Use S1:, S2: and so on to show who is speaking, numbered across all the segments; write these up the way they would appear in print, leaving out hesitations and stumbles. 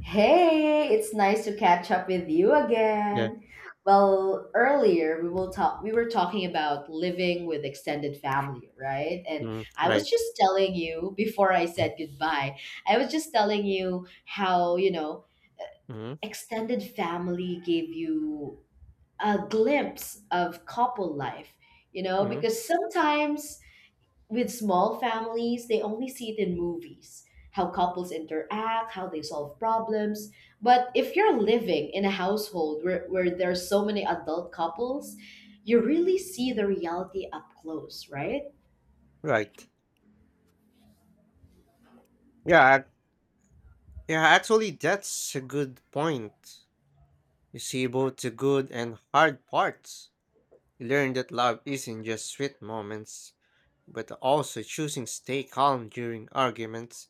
S1: Hey, it's nice to catch up with you
S2: Yeah.
S1: again. Well, earlier we were talking about living with extended family, right? And
S2: Mm,
S1: I was
S2: right.
S1: just telling you before I said goodbye, I was just telling you how, you know,
S2: hmm
S1: extended family gave you a glimpse of couple life, you know,
S2: hmm
S1: because sometimes with small families, they only see it in movies how couples interact, how they solve problems. But if you're living in a household where there's so many adult couples, you really see the reality up close, right?
S2: Right. Yeah. ac- Yeah. Actually, that's a good point. You see both the good and hard parts. You learn that love isn't just sweet moments, but also choosing stay calm during arguments,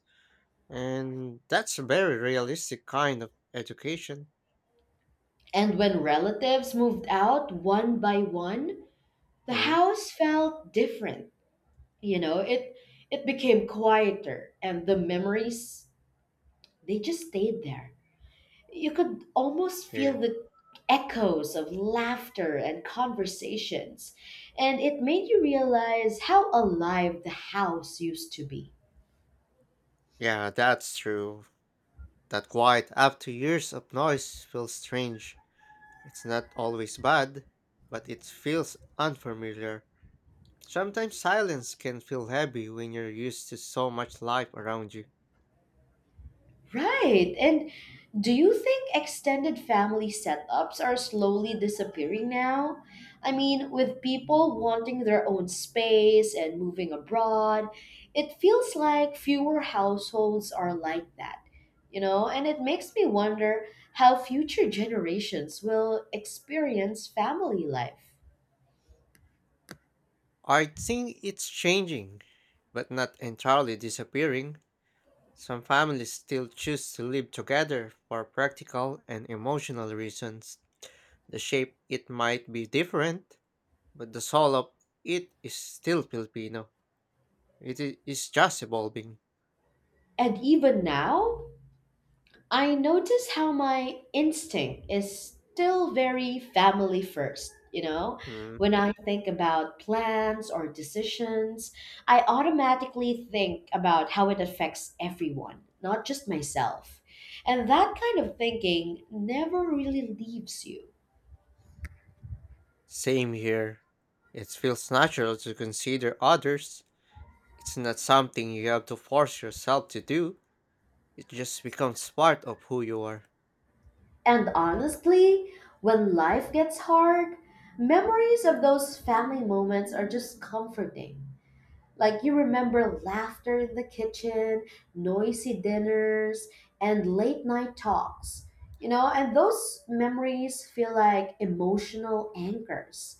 S2: and that's a very realistic kind of education.
S1: And when relatives moved out one by one, the
S2: Mm,
S1: house felt different. You know, it became quieter and the memories they just stayed there. You could almost feel
S2: yeah.
S1: the echoes of laughter and conversations, and it made you realize how alive the house used to be.
S2: Yeah, that's true. That quiet after years of noise feels strange. It's not always bad, but it feels unfamiliar. Sometimes silence can feel heavy when you're used to so much life around you.
S1: Right. And do you think extended family setups are slowly disappearing now? I mean, with people wanting their own space and moving abroad, it feels like fewer households are like that, you know? And it makes me wonder how future generations will experience family life.
S2: I think it's changing, but not entirely disappearing. Some families still choose to live together for practical and emotional reasons. The shape it might be different, but the soul of it is still Filipino. It is just evolving.
S1: And even now, I notice how my instinct is still very family first. You know,
S2: Mm,
S1: when I think about plans or decisions, I automatically think about how it affects everyone, not just myself. And that kind of thinking never really leaves you.
S2: Same here. It feels natural to consider others. It's not something you have to force yourself to do. It just becomes part of who you are.
S1: And honestly, when life gets hard, memories of those family moments are just comforting. Like you remember laughter in the kitchen, noisy dinners, and late night talks. You know, and those memories feel like emotional anchors.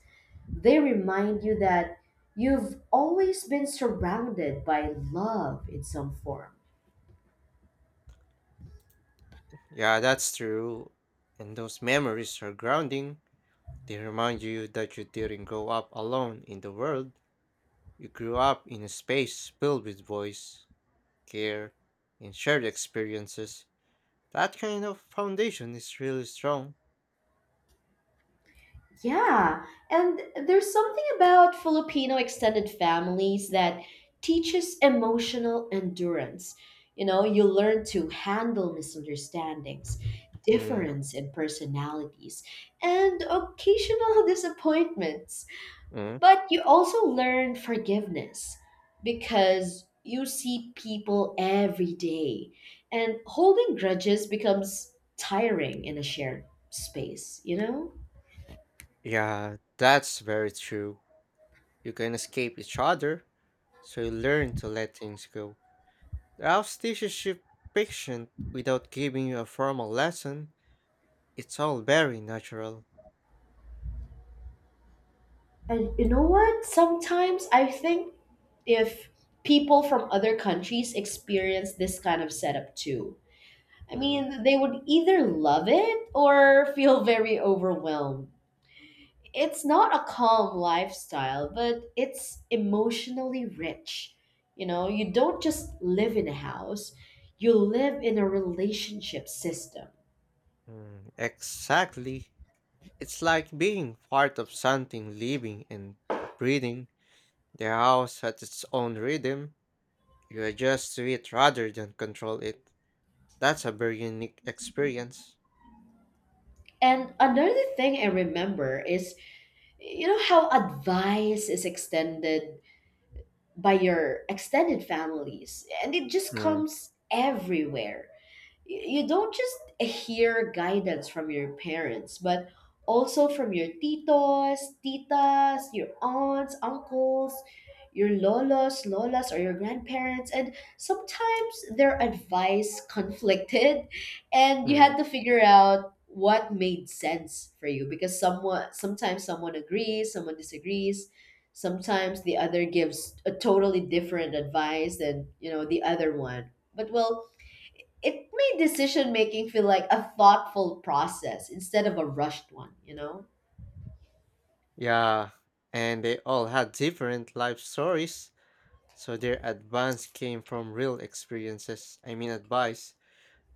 S1: They remind you that you've always been surrounded by love in some form.
S2: Yeah, that's true. And those memories are grounding. They remind you that you didn't grow up alone in the world. You grew up in a space filled with voice, care, and shared experiences. That kind of foundation is really strong.
S1: Yeah, and there's something about Filipino extended families that teaches emotional endurance. You know, you learn to handle misunderstandings,
S2: Mm,
S1: difference in personalities, and occasional disappointments.
S2: mm.
S1: But you also learn forgiveness because you see people every day, and holding grudges becomes tiring in a shared space, you know?
S2: Yeah, that's very true. You can escape each other, so you learn to let things go. The house teaches you patience without giving you a formal lesson. It's all very natural.
S1: And you know what? Sometimes I think if people from other countries experience this kind of setup too, I
S2: Mm,
S1: mean, they would either love it or feel very overwhelmed. It's not a calm lifestyle, but it's emotionally rich. You know, you don't just live in a house, you live in a relationship system.
S2: Exactly. It's like being part of something living and breathing. The house has its own rhythm. You adjust to it rather than control it. That's a very unique experience.
S1: And another thing I remember is you know how advice is extended by your extended families and it just
S2: Mm,
S1: comes everywhere. You don't just hear guidance from your parents, but also from your titos, titas, your aunts, uncles, your lolos, lolas, or your grandparents. And sometimes their advice conflicted, and you
S2: mm.
S1: had to figure out what made sense for you because someone sometimes someone agrees, someone disagrees. Sometimes the other gives a totally different advice than you know the other one. But well, it made decision making feel like a thoughtful process instead of a rushed one, you know?
S2: Yeah, and they all had different life stories, so their advice came from real experiences. I mean, advice.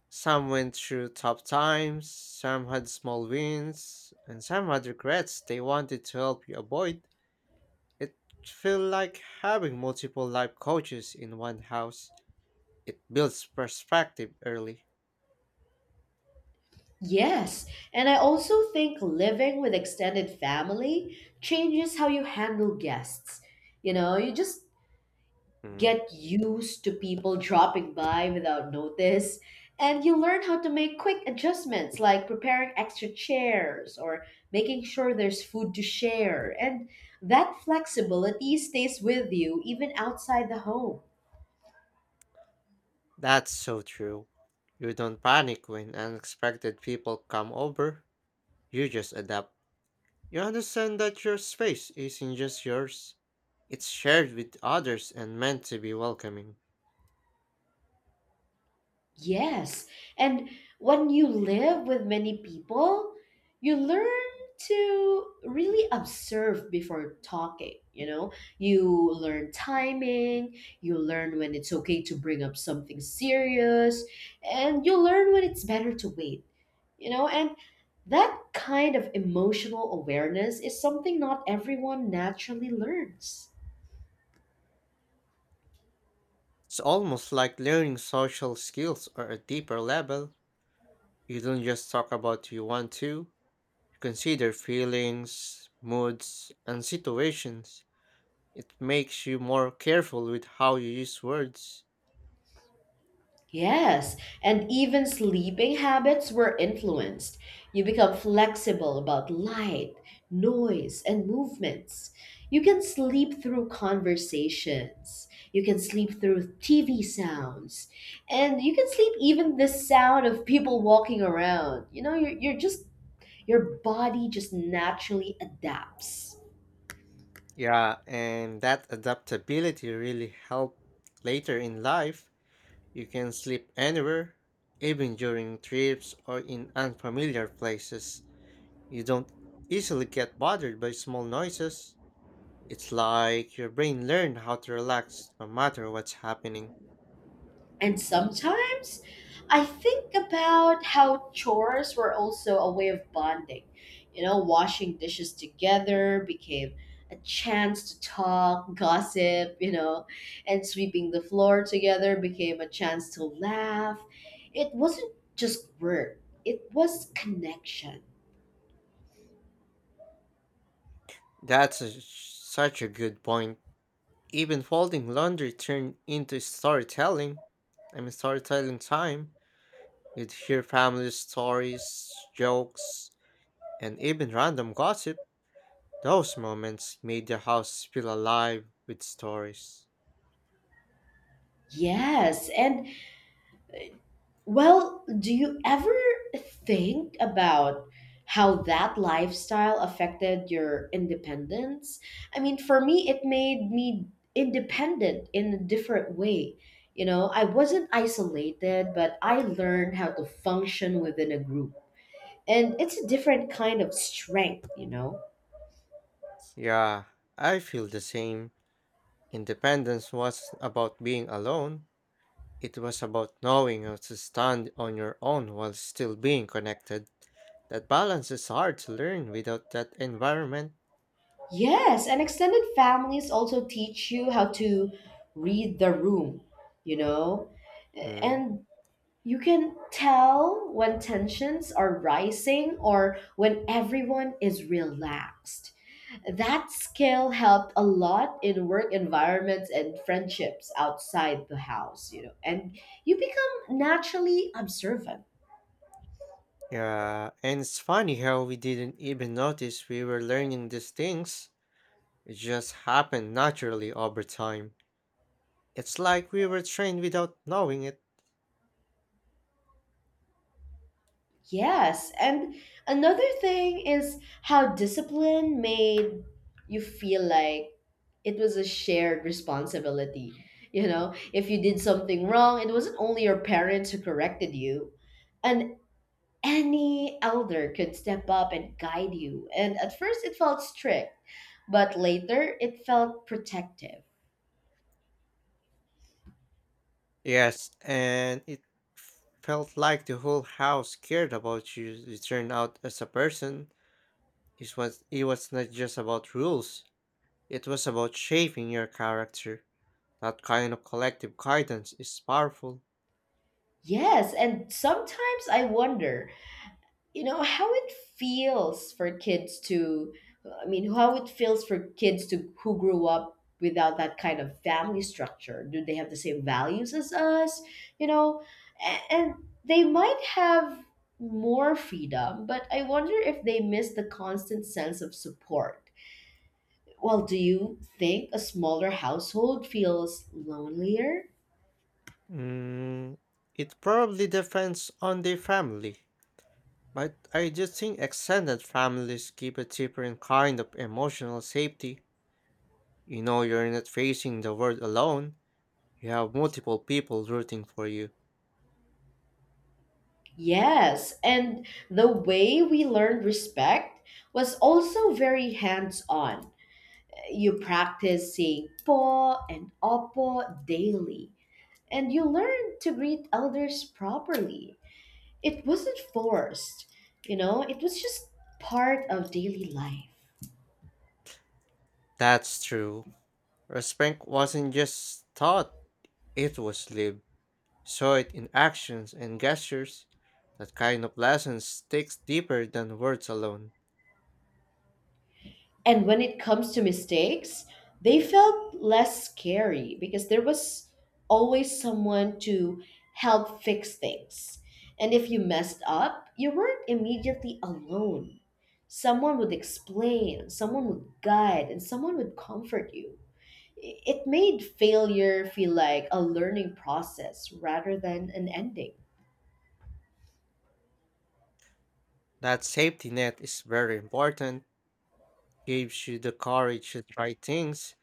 S2: Some went through tough times, some had small wins, and some had regrets they wanted to help you avoid. It felt like having multiple life coaches in one house. It builds perspective early.
S1: Yes, and I also think living with extended family changes how you handle guests. You know, you just
S2: Mm,
S1: get used to people dropping by without notice, and you learn how to make quick adjustments like preparing extra chairs or making sure there's food to share. And that flexibility stays with you even outside the home.
S2: That's so true. You don't panic when unexpected people come over. You just adapt. You understand that your space isn't just yours, it's shared with others and meant to be welcoming.
S1: Yes. And when you live with many people, you learn to really observe before talking, you know? You learn timing, you learn when it's okay to bring up something serious, and you learn when it's better to wait, you know? And that kind of emotional awareness is something not everyone naturally learns.
S2: It's almost like learning social skills on a deeper level. You don't just talk about you want to, you consider feelings, moods, and situations. It makes you more careful with how you use words.
S1: Yes, and even sleeping habits were influenced. You become flexible about light, noise, and movements. You can sleep through conversations. You can sleep through TV sounds. And you can sleep even the sound of people walking around. You know, your body just naturally adapts.
S2: Yeah, and that adaptability really helped later in life. You can sleep anywhere, even during trips or in unfamiliar places. You don't easily get bothered by small noises. It's like your brain learned how to relax no matter what's happening.
S1: And sometimes I think about how chores were also a way of bonding. You know, washing dishes together became a chance to talk, gossip, you know, and sweeping the floor together became a chance to laugh. It wasn't just work, it was connection.
S2: That's a, such a good point. Even folding laundry turned into storytelling. Storytelling time. You'd hear family stories, jokes, and even random gossip. Those moments made the house feel alive with stories.
S1: Yes, and well, do you ever think about how that lifestyle affected your independence? I mean, for me, it made me independent in a different way. You know, I wasn't isolated, but I learned how to function within a group. And it's a different kind of strength, you know?
S2: Yeah, I feel the same. Independence was about being alone. It was about knowing how to stand on your own while still being connected. That balance is hard to learn without that environment.
S1: Yes, and extended families also teach you how to read the room, you know?
S2: Mm.
S1: And you can tell when tensions are rising or when everyone is relaxed. That skill helped a lot in work environments and friendships outside the house, you know, and you become naturally observant.
S2: Yeah, and it's funny how we didn't even notice we were learning these things. It just happened naturally over time. It's like we were trained without knowing it.
S1: Yes, and another thing is how discipline made you feel like it was a shared responsibility. You know, if you did something wrong, it wasn't only your parents who corrected you, and any elder could step up and guide you. And at first, it felt strict, but later, it felt protective.
S2: Yes, and it felt like the whole house cared about you to turn out as a person. It was not, just about rules. It was about shaping your character. That kind of collective guidance is powerful.
S1: Yes, and sometimes I wonder you know how it feels for kids to who grew up without that kind of family structure. Do they have the same values as us, you know? And they might have more freedom, but I wonder if they miss the constant sense of support. Well, do you think a smaller household feels lonelier?
S2: Mm, it probably depends on the family. But I just think extended families give a different kind of emotional safety. You know, you're not facing the world alone, you have multiple people rooting for you.
S1: Yes, and the way we learned respect was also very hands on. You practice saying po and opo daily, and you learn to greet elders properly. It wasn't forced, you know, it was just part of daily life.
S2: That's true. Respect wasn't just taught, it was lived. Saw it in actions and gestures. That kind of lesson sticks deeper than words alone.
S1: And when it comes to mistakes, they felt less scary because there was always someone to help fix things, and if you messed up you weren't immediately alone. Someone would explain, someone would guide, and someone would comfort you. It made failure feel like a learning process rather than an ending.
S2: That safety net is very important, gives you the courage to try things.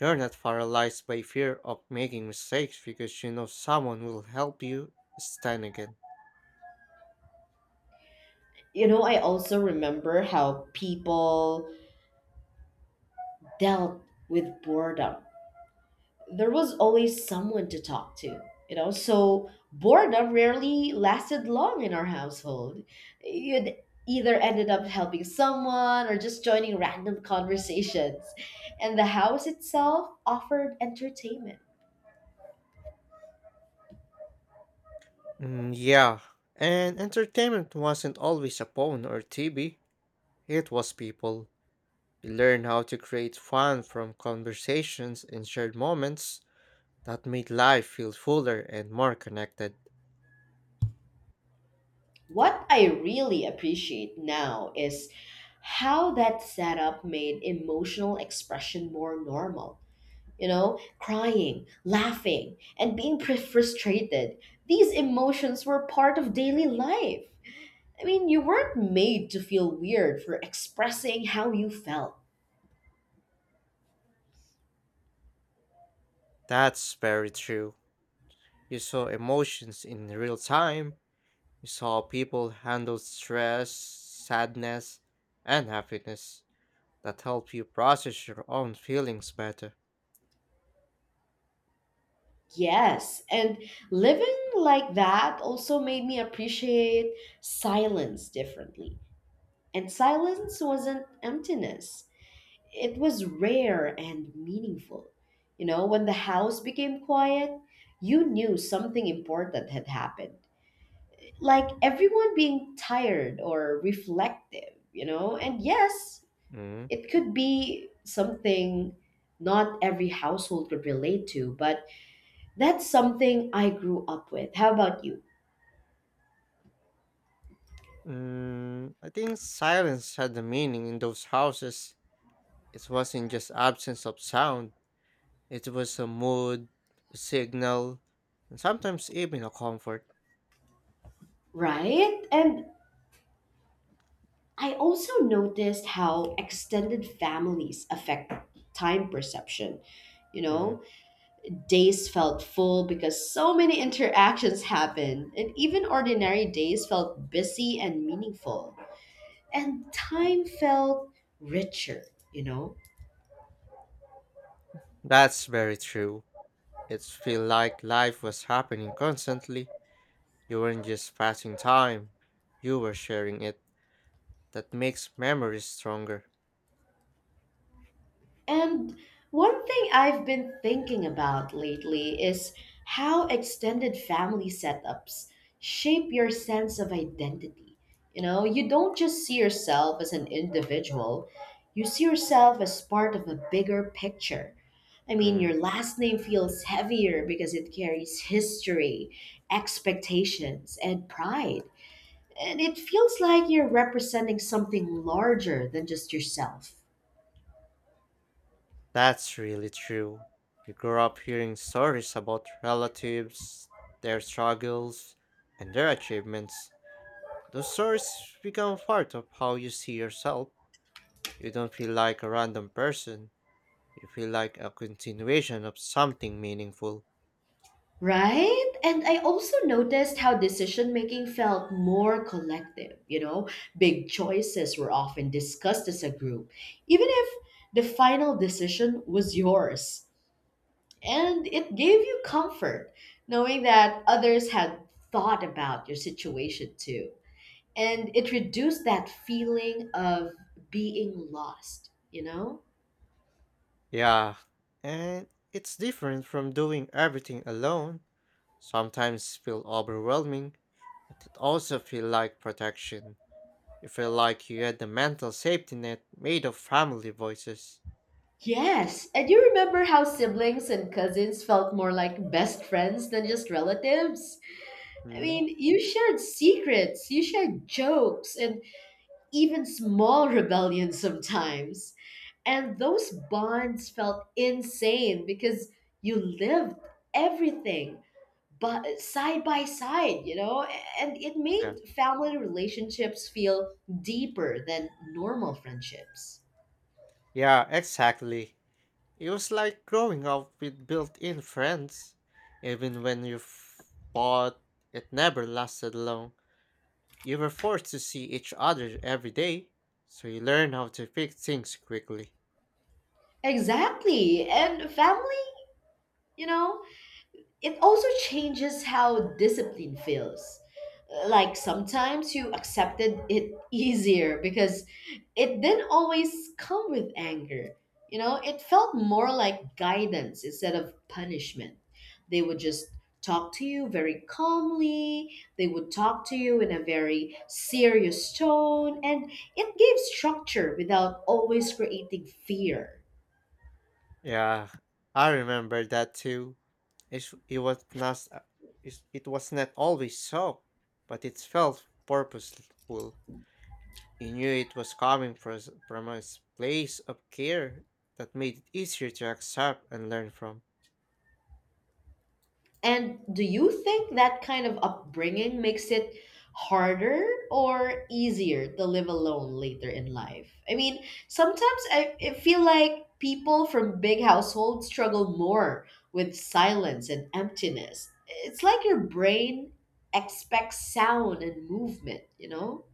S2: You're not paralyzed by fear of making mistakes because you know someone will help you stand again.
S1: You know, I also remember how people dealt with boredom. There was always someone to talk to, you know. So boredom rarely lasted long in our household. You'd either ended up helping someone or just joining random conversations. And the house itself offered entertainment.
S2: Mm, yeah, and entertainment wasn't always a phone or TV, it was people. You learn how to create fun from conversations and shared moments that made life feel fuller and more connected.
S1: What I really appreciate now is how that setup made emotional expression more normal. You know, crying, laughing, and being frustrated. These emotions were part of daily life. I mean, you weren't made to feel weird for expressing how you felt.
S2: That's very true. You saw emotions in real time, you saw people handle stress, sadness, and happiness. That help you process your own feelings better.
S1: Yes, and living like that also made me appreciate silence differently. And silence wasn't emptiness, it was rare and meaningful. You know, when the house became quiet, you knew something important had happened, like everyone being tired or reflective, you know? And yes,
S2: Mm.
S1: it could be something not every household could relate to, but that's something I grew up with. How about you?
S2: Mm, I think silence had a meaning in those houses. It wasn't just absence of sound, it was a mood, a signal, and sometimes even a comfort.
S1: Right? And I also noticed how extended families affect time perception. You
S2: Mm.
S1: know, days felt full because so many interactions happened, and even ordinary days felt busy and meaningful. And time felt richer, you know?
S2: That's very true. It feel like life was happening constantly. You weren't just passing time, you were sharing it. That makes memories stronger.
S1: And one thing I've been thinking about lately is how extended family setups shape your sense of identity. You know, you don't just see yourself as an individual, you see yourself as part of a bigger picture. I mean, your
S2: Mm.
S1: last name feels heavier because it carries history, expectations, and pride. And it feels like you're representing something larger than just yourself.
S2: That's really true. You grow up hearing stories about relatives, their struggles, and their achievements. Those stories become part of how you see yourself. You don't feel like a random person, you feel like a continuation of something meaningful.
S1: Right? And I also noticed how decision making felt more collective. You know, big choices were often discussed as a group, even if the final decision was yours. And it gave you comfort knowing that others had thought about your situation too. And it reduced that feeling of being lost, you know?
S2: Yeah, and it's different from doing everything alone. Sometimes feel overwhelming, but it also feel like protection. You feel like you had the mental safety net made of family voices.
S1: Yes, and you remember how siblings and cousins felt more like best friends than just relatives? I
S2: Hmm?
S1: mean, you shared secrets, you shared jokes, and even small rebellions sometimes. And those bonds felt insane because you lived everything but side by side, you know? And it
S2: Yeah.
S1: made family relationships feel deeper than normal friendships.
S2: Yeah, exactly. It was like growing up with built in friends. Even when you fought, it never lasted long. You were forced to see each other every day, so you learn how to fix things quickly.
S1: Exactly. And family, you know, it also changes how discipline feels. Like sometimes you accepted it easier because it didn't always come with anger. You know, it felt more like guidance instead of punishment. They would just talk to you very calmly, they would talk to you in a very serious tone, and it gave structure without always creating fear.
S2: Yeah, I remember that too. It it was not, it was not always so, but it felt purposeful. He knew it was coming from from a place of care that made it easier to accept and learn from.
S1: And do you think that kind of upbringing makes it harder or easier to live alone later in life? I mean, sometimes I feel like people from big households struggle more with silence and emptiness. It's like your brain expects sound and movement, you know?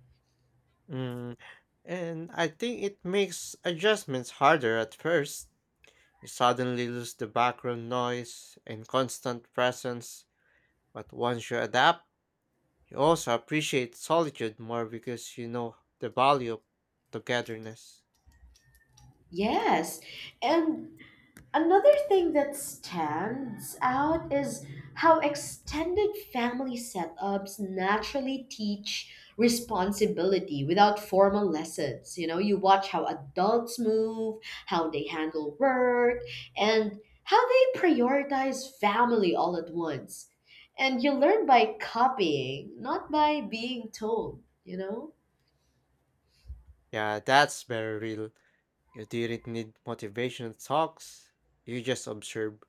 S2: Mm, and I think it makes adjustments harder at first. You suddenly lose the background noise and constant presence, but once you adapt, you also appreciate solitude more because you know the value of togetherness.
S1: Yes. And another thing that stands out is how extended family setups naturally teach responsibility without formal lessons. You know, you watch how adults move, how they handle work, and how they prioritize family all at once. And you learn by copying, not by being told, you know?
S2: Yeah, that's very real. You didn't need motivational talks, you just observe.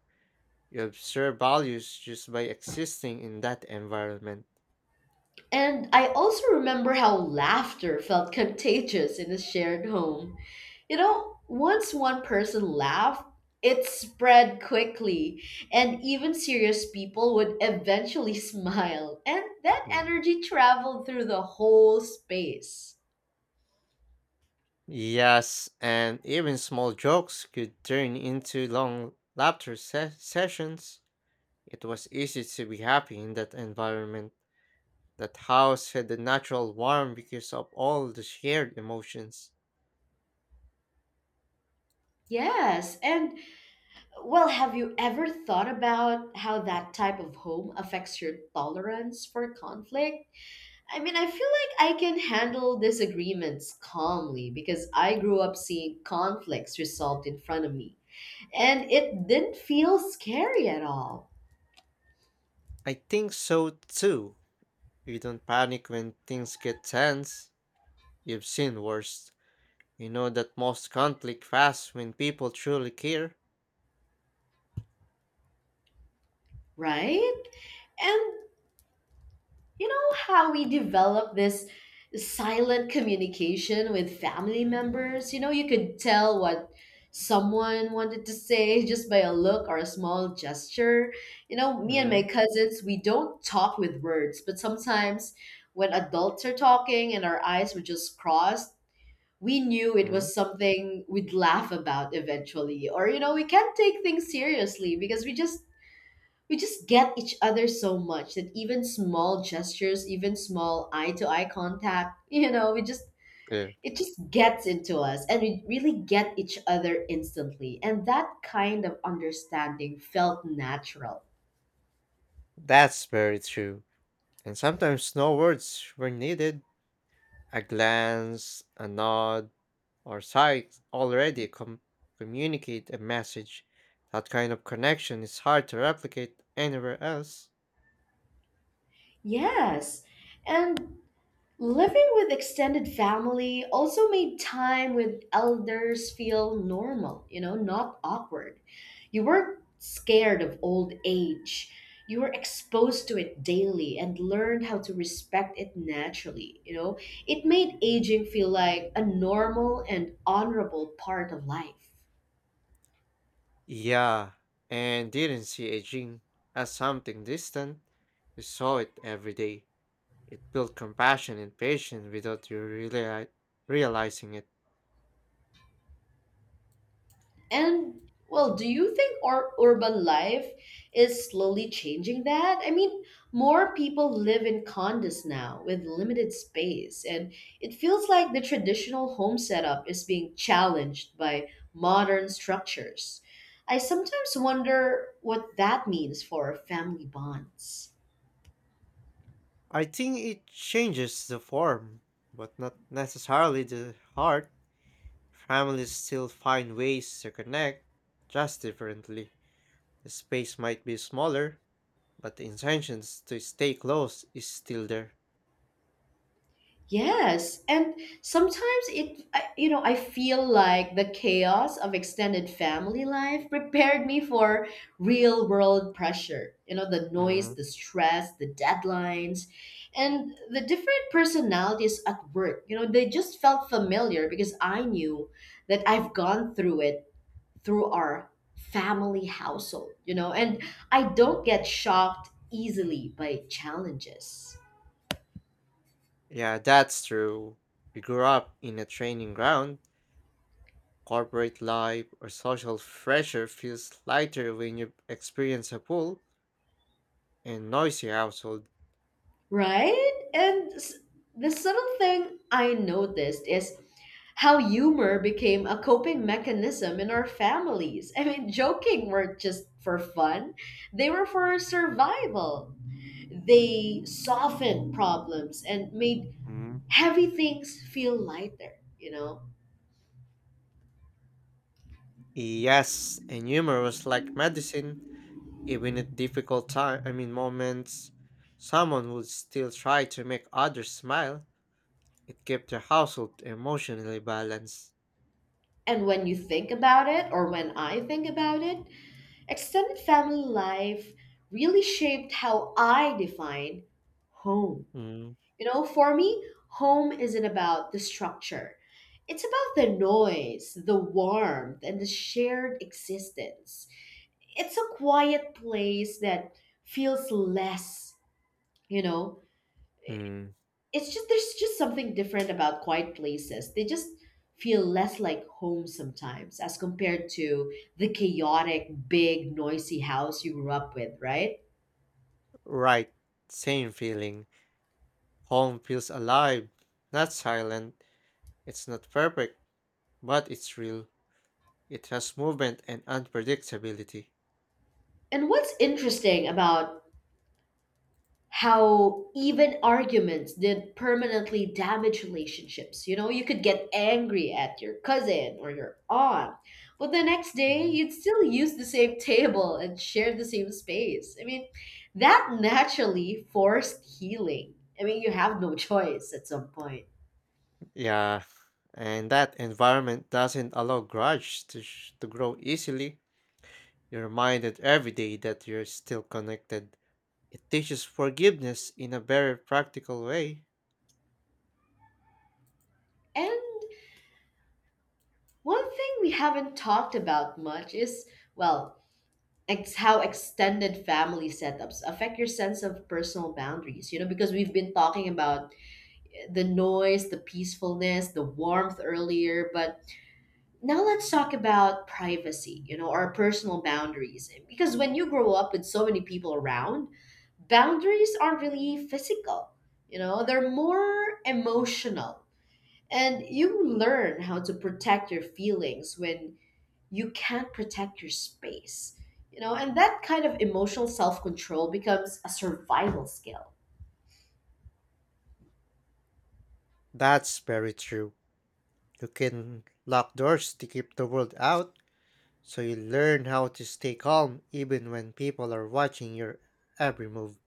S2: You observe values just by existing in that environment.
S1: And I also remember how laughter felt contagious in a shared home. You know, once one person laughed, it spread quickly, and even serious people would eventually smile, and that
S2: Mm.
S1: energy traveled through the whole space.
S2: Yes, and even small jokes could turn into long sessions. It was easy to be happy in that environment. That house had a natural warmth because of all the shared emotions.
S1: Yes. Have you ever thought about how that type of home affects your tolerance for conflict? I feel like I can handle disagreements calmly because I grew up seeing conflicts resolved in front of me, and it didn't feel scary at all,
S2: I think so too. You don't panic when things get tense. You've seen worse. You know that most conflict fast when people truly care.
S1: right? And you know how we develop this silent communication with family members. You know, you could tell what someone wanted to say just by a look or a small gesture. You know, me and
S2: Mm-hmm.
S1: my cousins, we don't talk with words, but sometimes when adults are talking and our eyes were just crossed, we knew it was something we'd laugh about eventually. Or you know we can't take things seriously because we just get each other so much that even small gestures, even small eye to eye contact, we just,
S2: Yeah.
S1: it just gets into us and we really get each other instantly. And that kind of understanding felt natural.
S2: That's very true. And sometimes no words were needed. A glance, a nod, our sites already communicate a message. That kind of connection is hard to replicate anywhere else.
S1: Yes. And living with extended family also made time with elders feel normal, not awkward. You weren't scared of old age. You were exposed to it daily and learned how to respect it naturally, It made aging feel like a normal and honorable part of life.
S2: Yeah, and didn't see aging as something distant. We saw it every day. It built compassion and patience without you really realizing it.
S1: And do you think our urban life is slowly changing that? More people live in condos now with limited space, and it feels like the traditional home setup is being challenged by modern structures. I sometimes wonder what that means for family bonds.
S2: I think it changes the form, but not necessarily the heart. Families still find ways to connect, just differently. The space might be smaller, but the intentions to stay close is still there.
S1: Yes, and sometimes it, I- you know, I feel like the chaos of extended family life prepared me for real world pressure. You know, the noise,
S2: Mm,
S1: the stress, the deadlines, and the different personalities at work. You know, they just felt familiar because I knew that I've gone through it through our family household, and I don't get shocked easily by challenges.
S2: Yeah, that's true. We grew up in a training ground. Corporate life or social pressure feels lighter when you experience a pool and noisy household.
S1: Right? The subtle thing I noticed is how humor became a coping mechanism in our families. Joking weren't just for fun, they were for survival. They softened problems and made
S2: mm,
S1: heavy things feel lighter, you know?
S2: Yes, and humor was like medicine. Even at difficult time, I mean moments, someone would still try to make others smile. It kept the household emotionally balanced.
S1: And when you think about it, or when I think about it, extended family life really shaped how I defined home.
S2: Mm.
S1: You know, for me, home isn't about the structure. It's about the noise, the warmth, and the shared existence. It's a quiet place that feels less, you know.
S2: Mm.
S1: It's just there's just something different about quiet places. They just feel less like home sometimes as compared to the chaotic, big, noisy house you grew up with, right?
S2: Right, same feeling. Home feels alive, not silent. It's not perfect, but it's real. It has movement and unpredictability.
S1: And what's interesting about how even arguments did permanently damage relationships. You know, you could get angry at your cousin or your aunt, but the next day
S2: Mhm.
S1: you'd still use the same table and share the same space. I mean, that naturally forced healing. I mean, you have no choice at some point.
S2: Yeah, and that environment doesn't allow grudge to grow easily. You're reminded every day that you're still connected. It teaches forgiveness in a very practical way.
S1: And one thing we haven't talked about much is, well, how extended family setups affect your sense of personal boundaries. You know, because we've been talking about the noise, the peacefulness, the warmth earlier. But now let's talk about privacy, our personal boundaries. Because when you grow up with so many people around, boundaries aren't really physical, they're more emotional. And you learn how to protect your feelings when you can't protect your space, and that kind of emotional self control becomes a survival skill.
S2: That's very true. You can lock doors to keep the world out, so you learn how to stay calm even when people are watching your every move.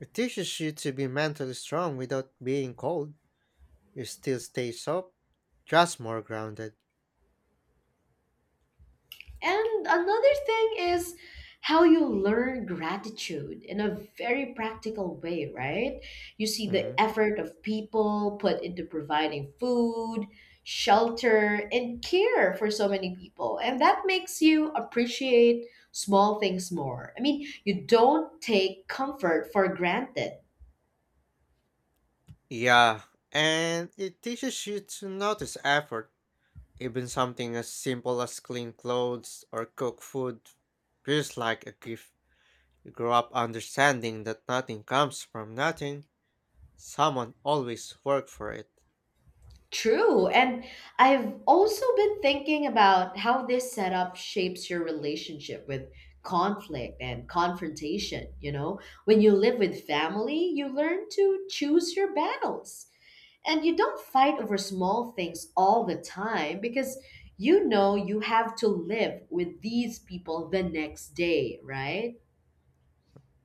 S2: It teaches you to be mentally strong without being cold. You still stay soft, just more grounded.
S1: And another thing is how you learn gratitude in a very practical way, right? You see the
S2: Mm.
S1: effort of people put into providing food, shelter, and care for so many people. And that makes you appreciate small things more. You don't take comfort for granted.
S2: Yeah, and it teaches you to notice effort. Even something as simple as clean clothes or cook food feels like a gift. You grow up understanding that nothing comes from nothing. Someone always work for it,
S1: True. And I've also been thinking about how this setup shapes your relationship with conflict and confrontation. You know, when you live with family, you learn to choose your battles and you don't fight over small things all the time because you know you have to live with these people the next day, right?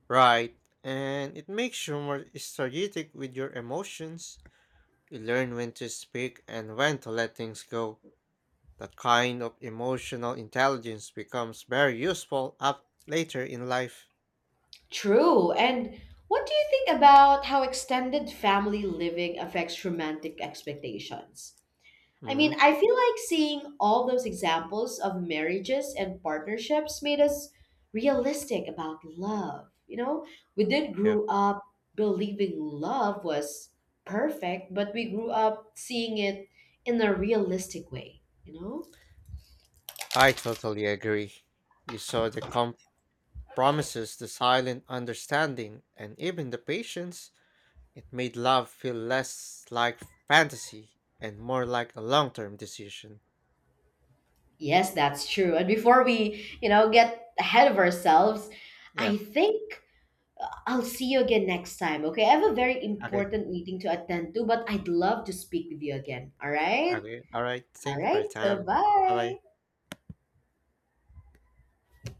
S2: right? And it makes you more strategic with your emotions. You learn when to speak and when to let things go. That kind of emotional intelligence becomes very useful up later in life.
S1: True. And what do you think about how extended family living affects romantic expectations?
S2: Hmm
S1: I feel like seeing all those examples of marriages and partnerships made us realistic about love. You know, we didn't
S2: Yeah,
S1: grow up believing love was perfect, but we grew up seeing it in a realistic way, you know?
S2: I totally agree. You saw the compromises, the silent understanding, and even the patience. It made love feel less like fantasy and more like a long-term decision.
S1: Yes, that's true. And before we, get ahead of ourselves,
S2: Yeah.
S1: I think I'll see you again next time, okay? I have a very
S2: Okay.
S1: important meeting to attend to, but I'd love to speak with you again, all right?
S2: Okay. All right.
S1: All
S2: Thank you for
S1: right.
S2: your
S1: So
S2: time. Bye
S1: bye.
S2: bye.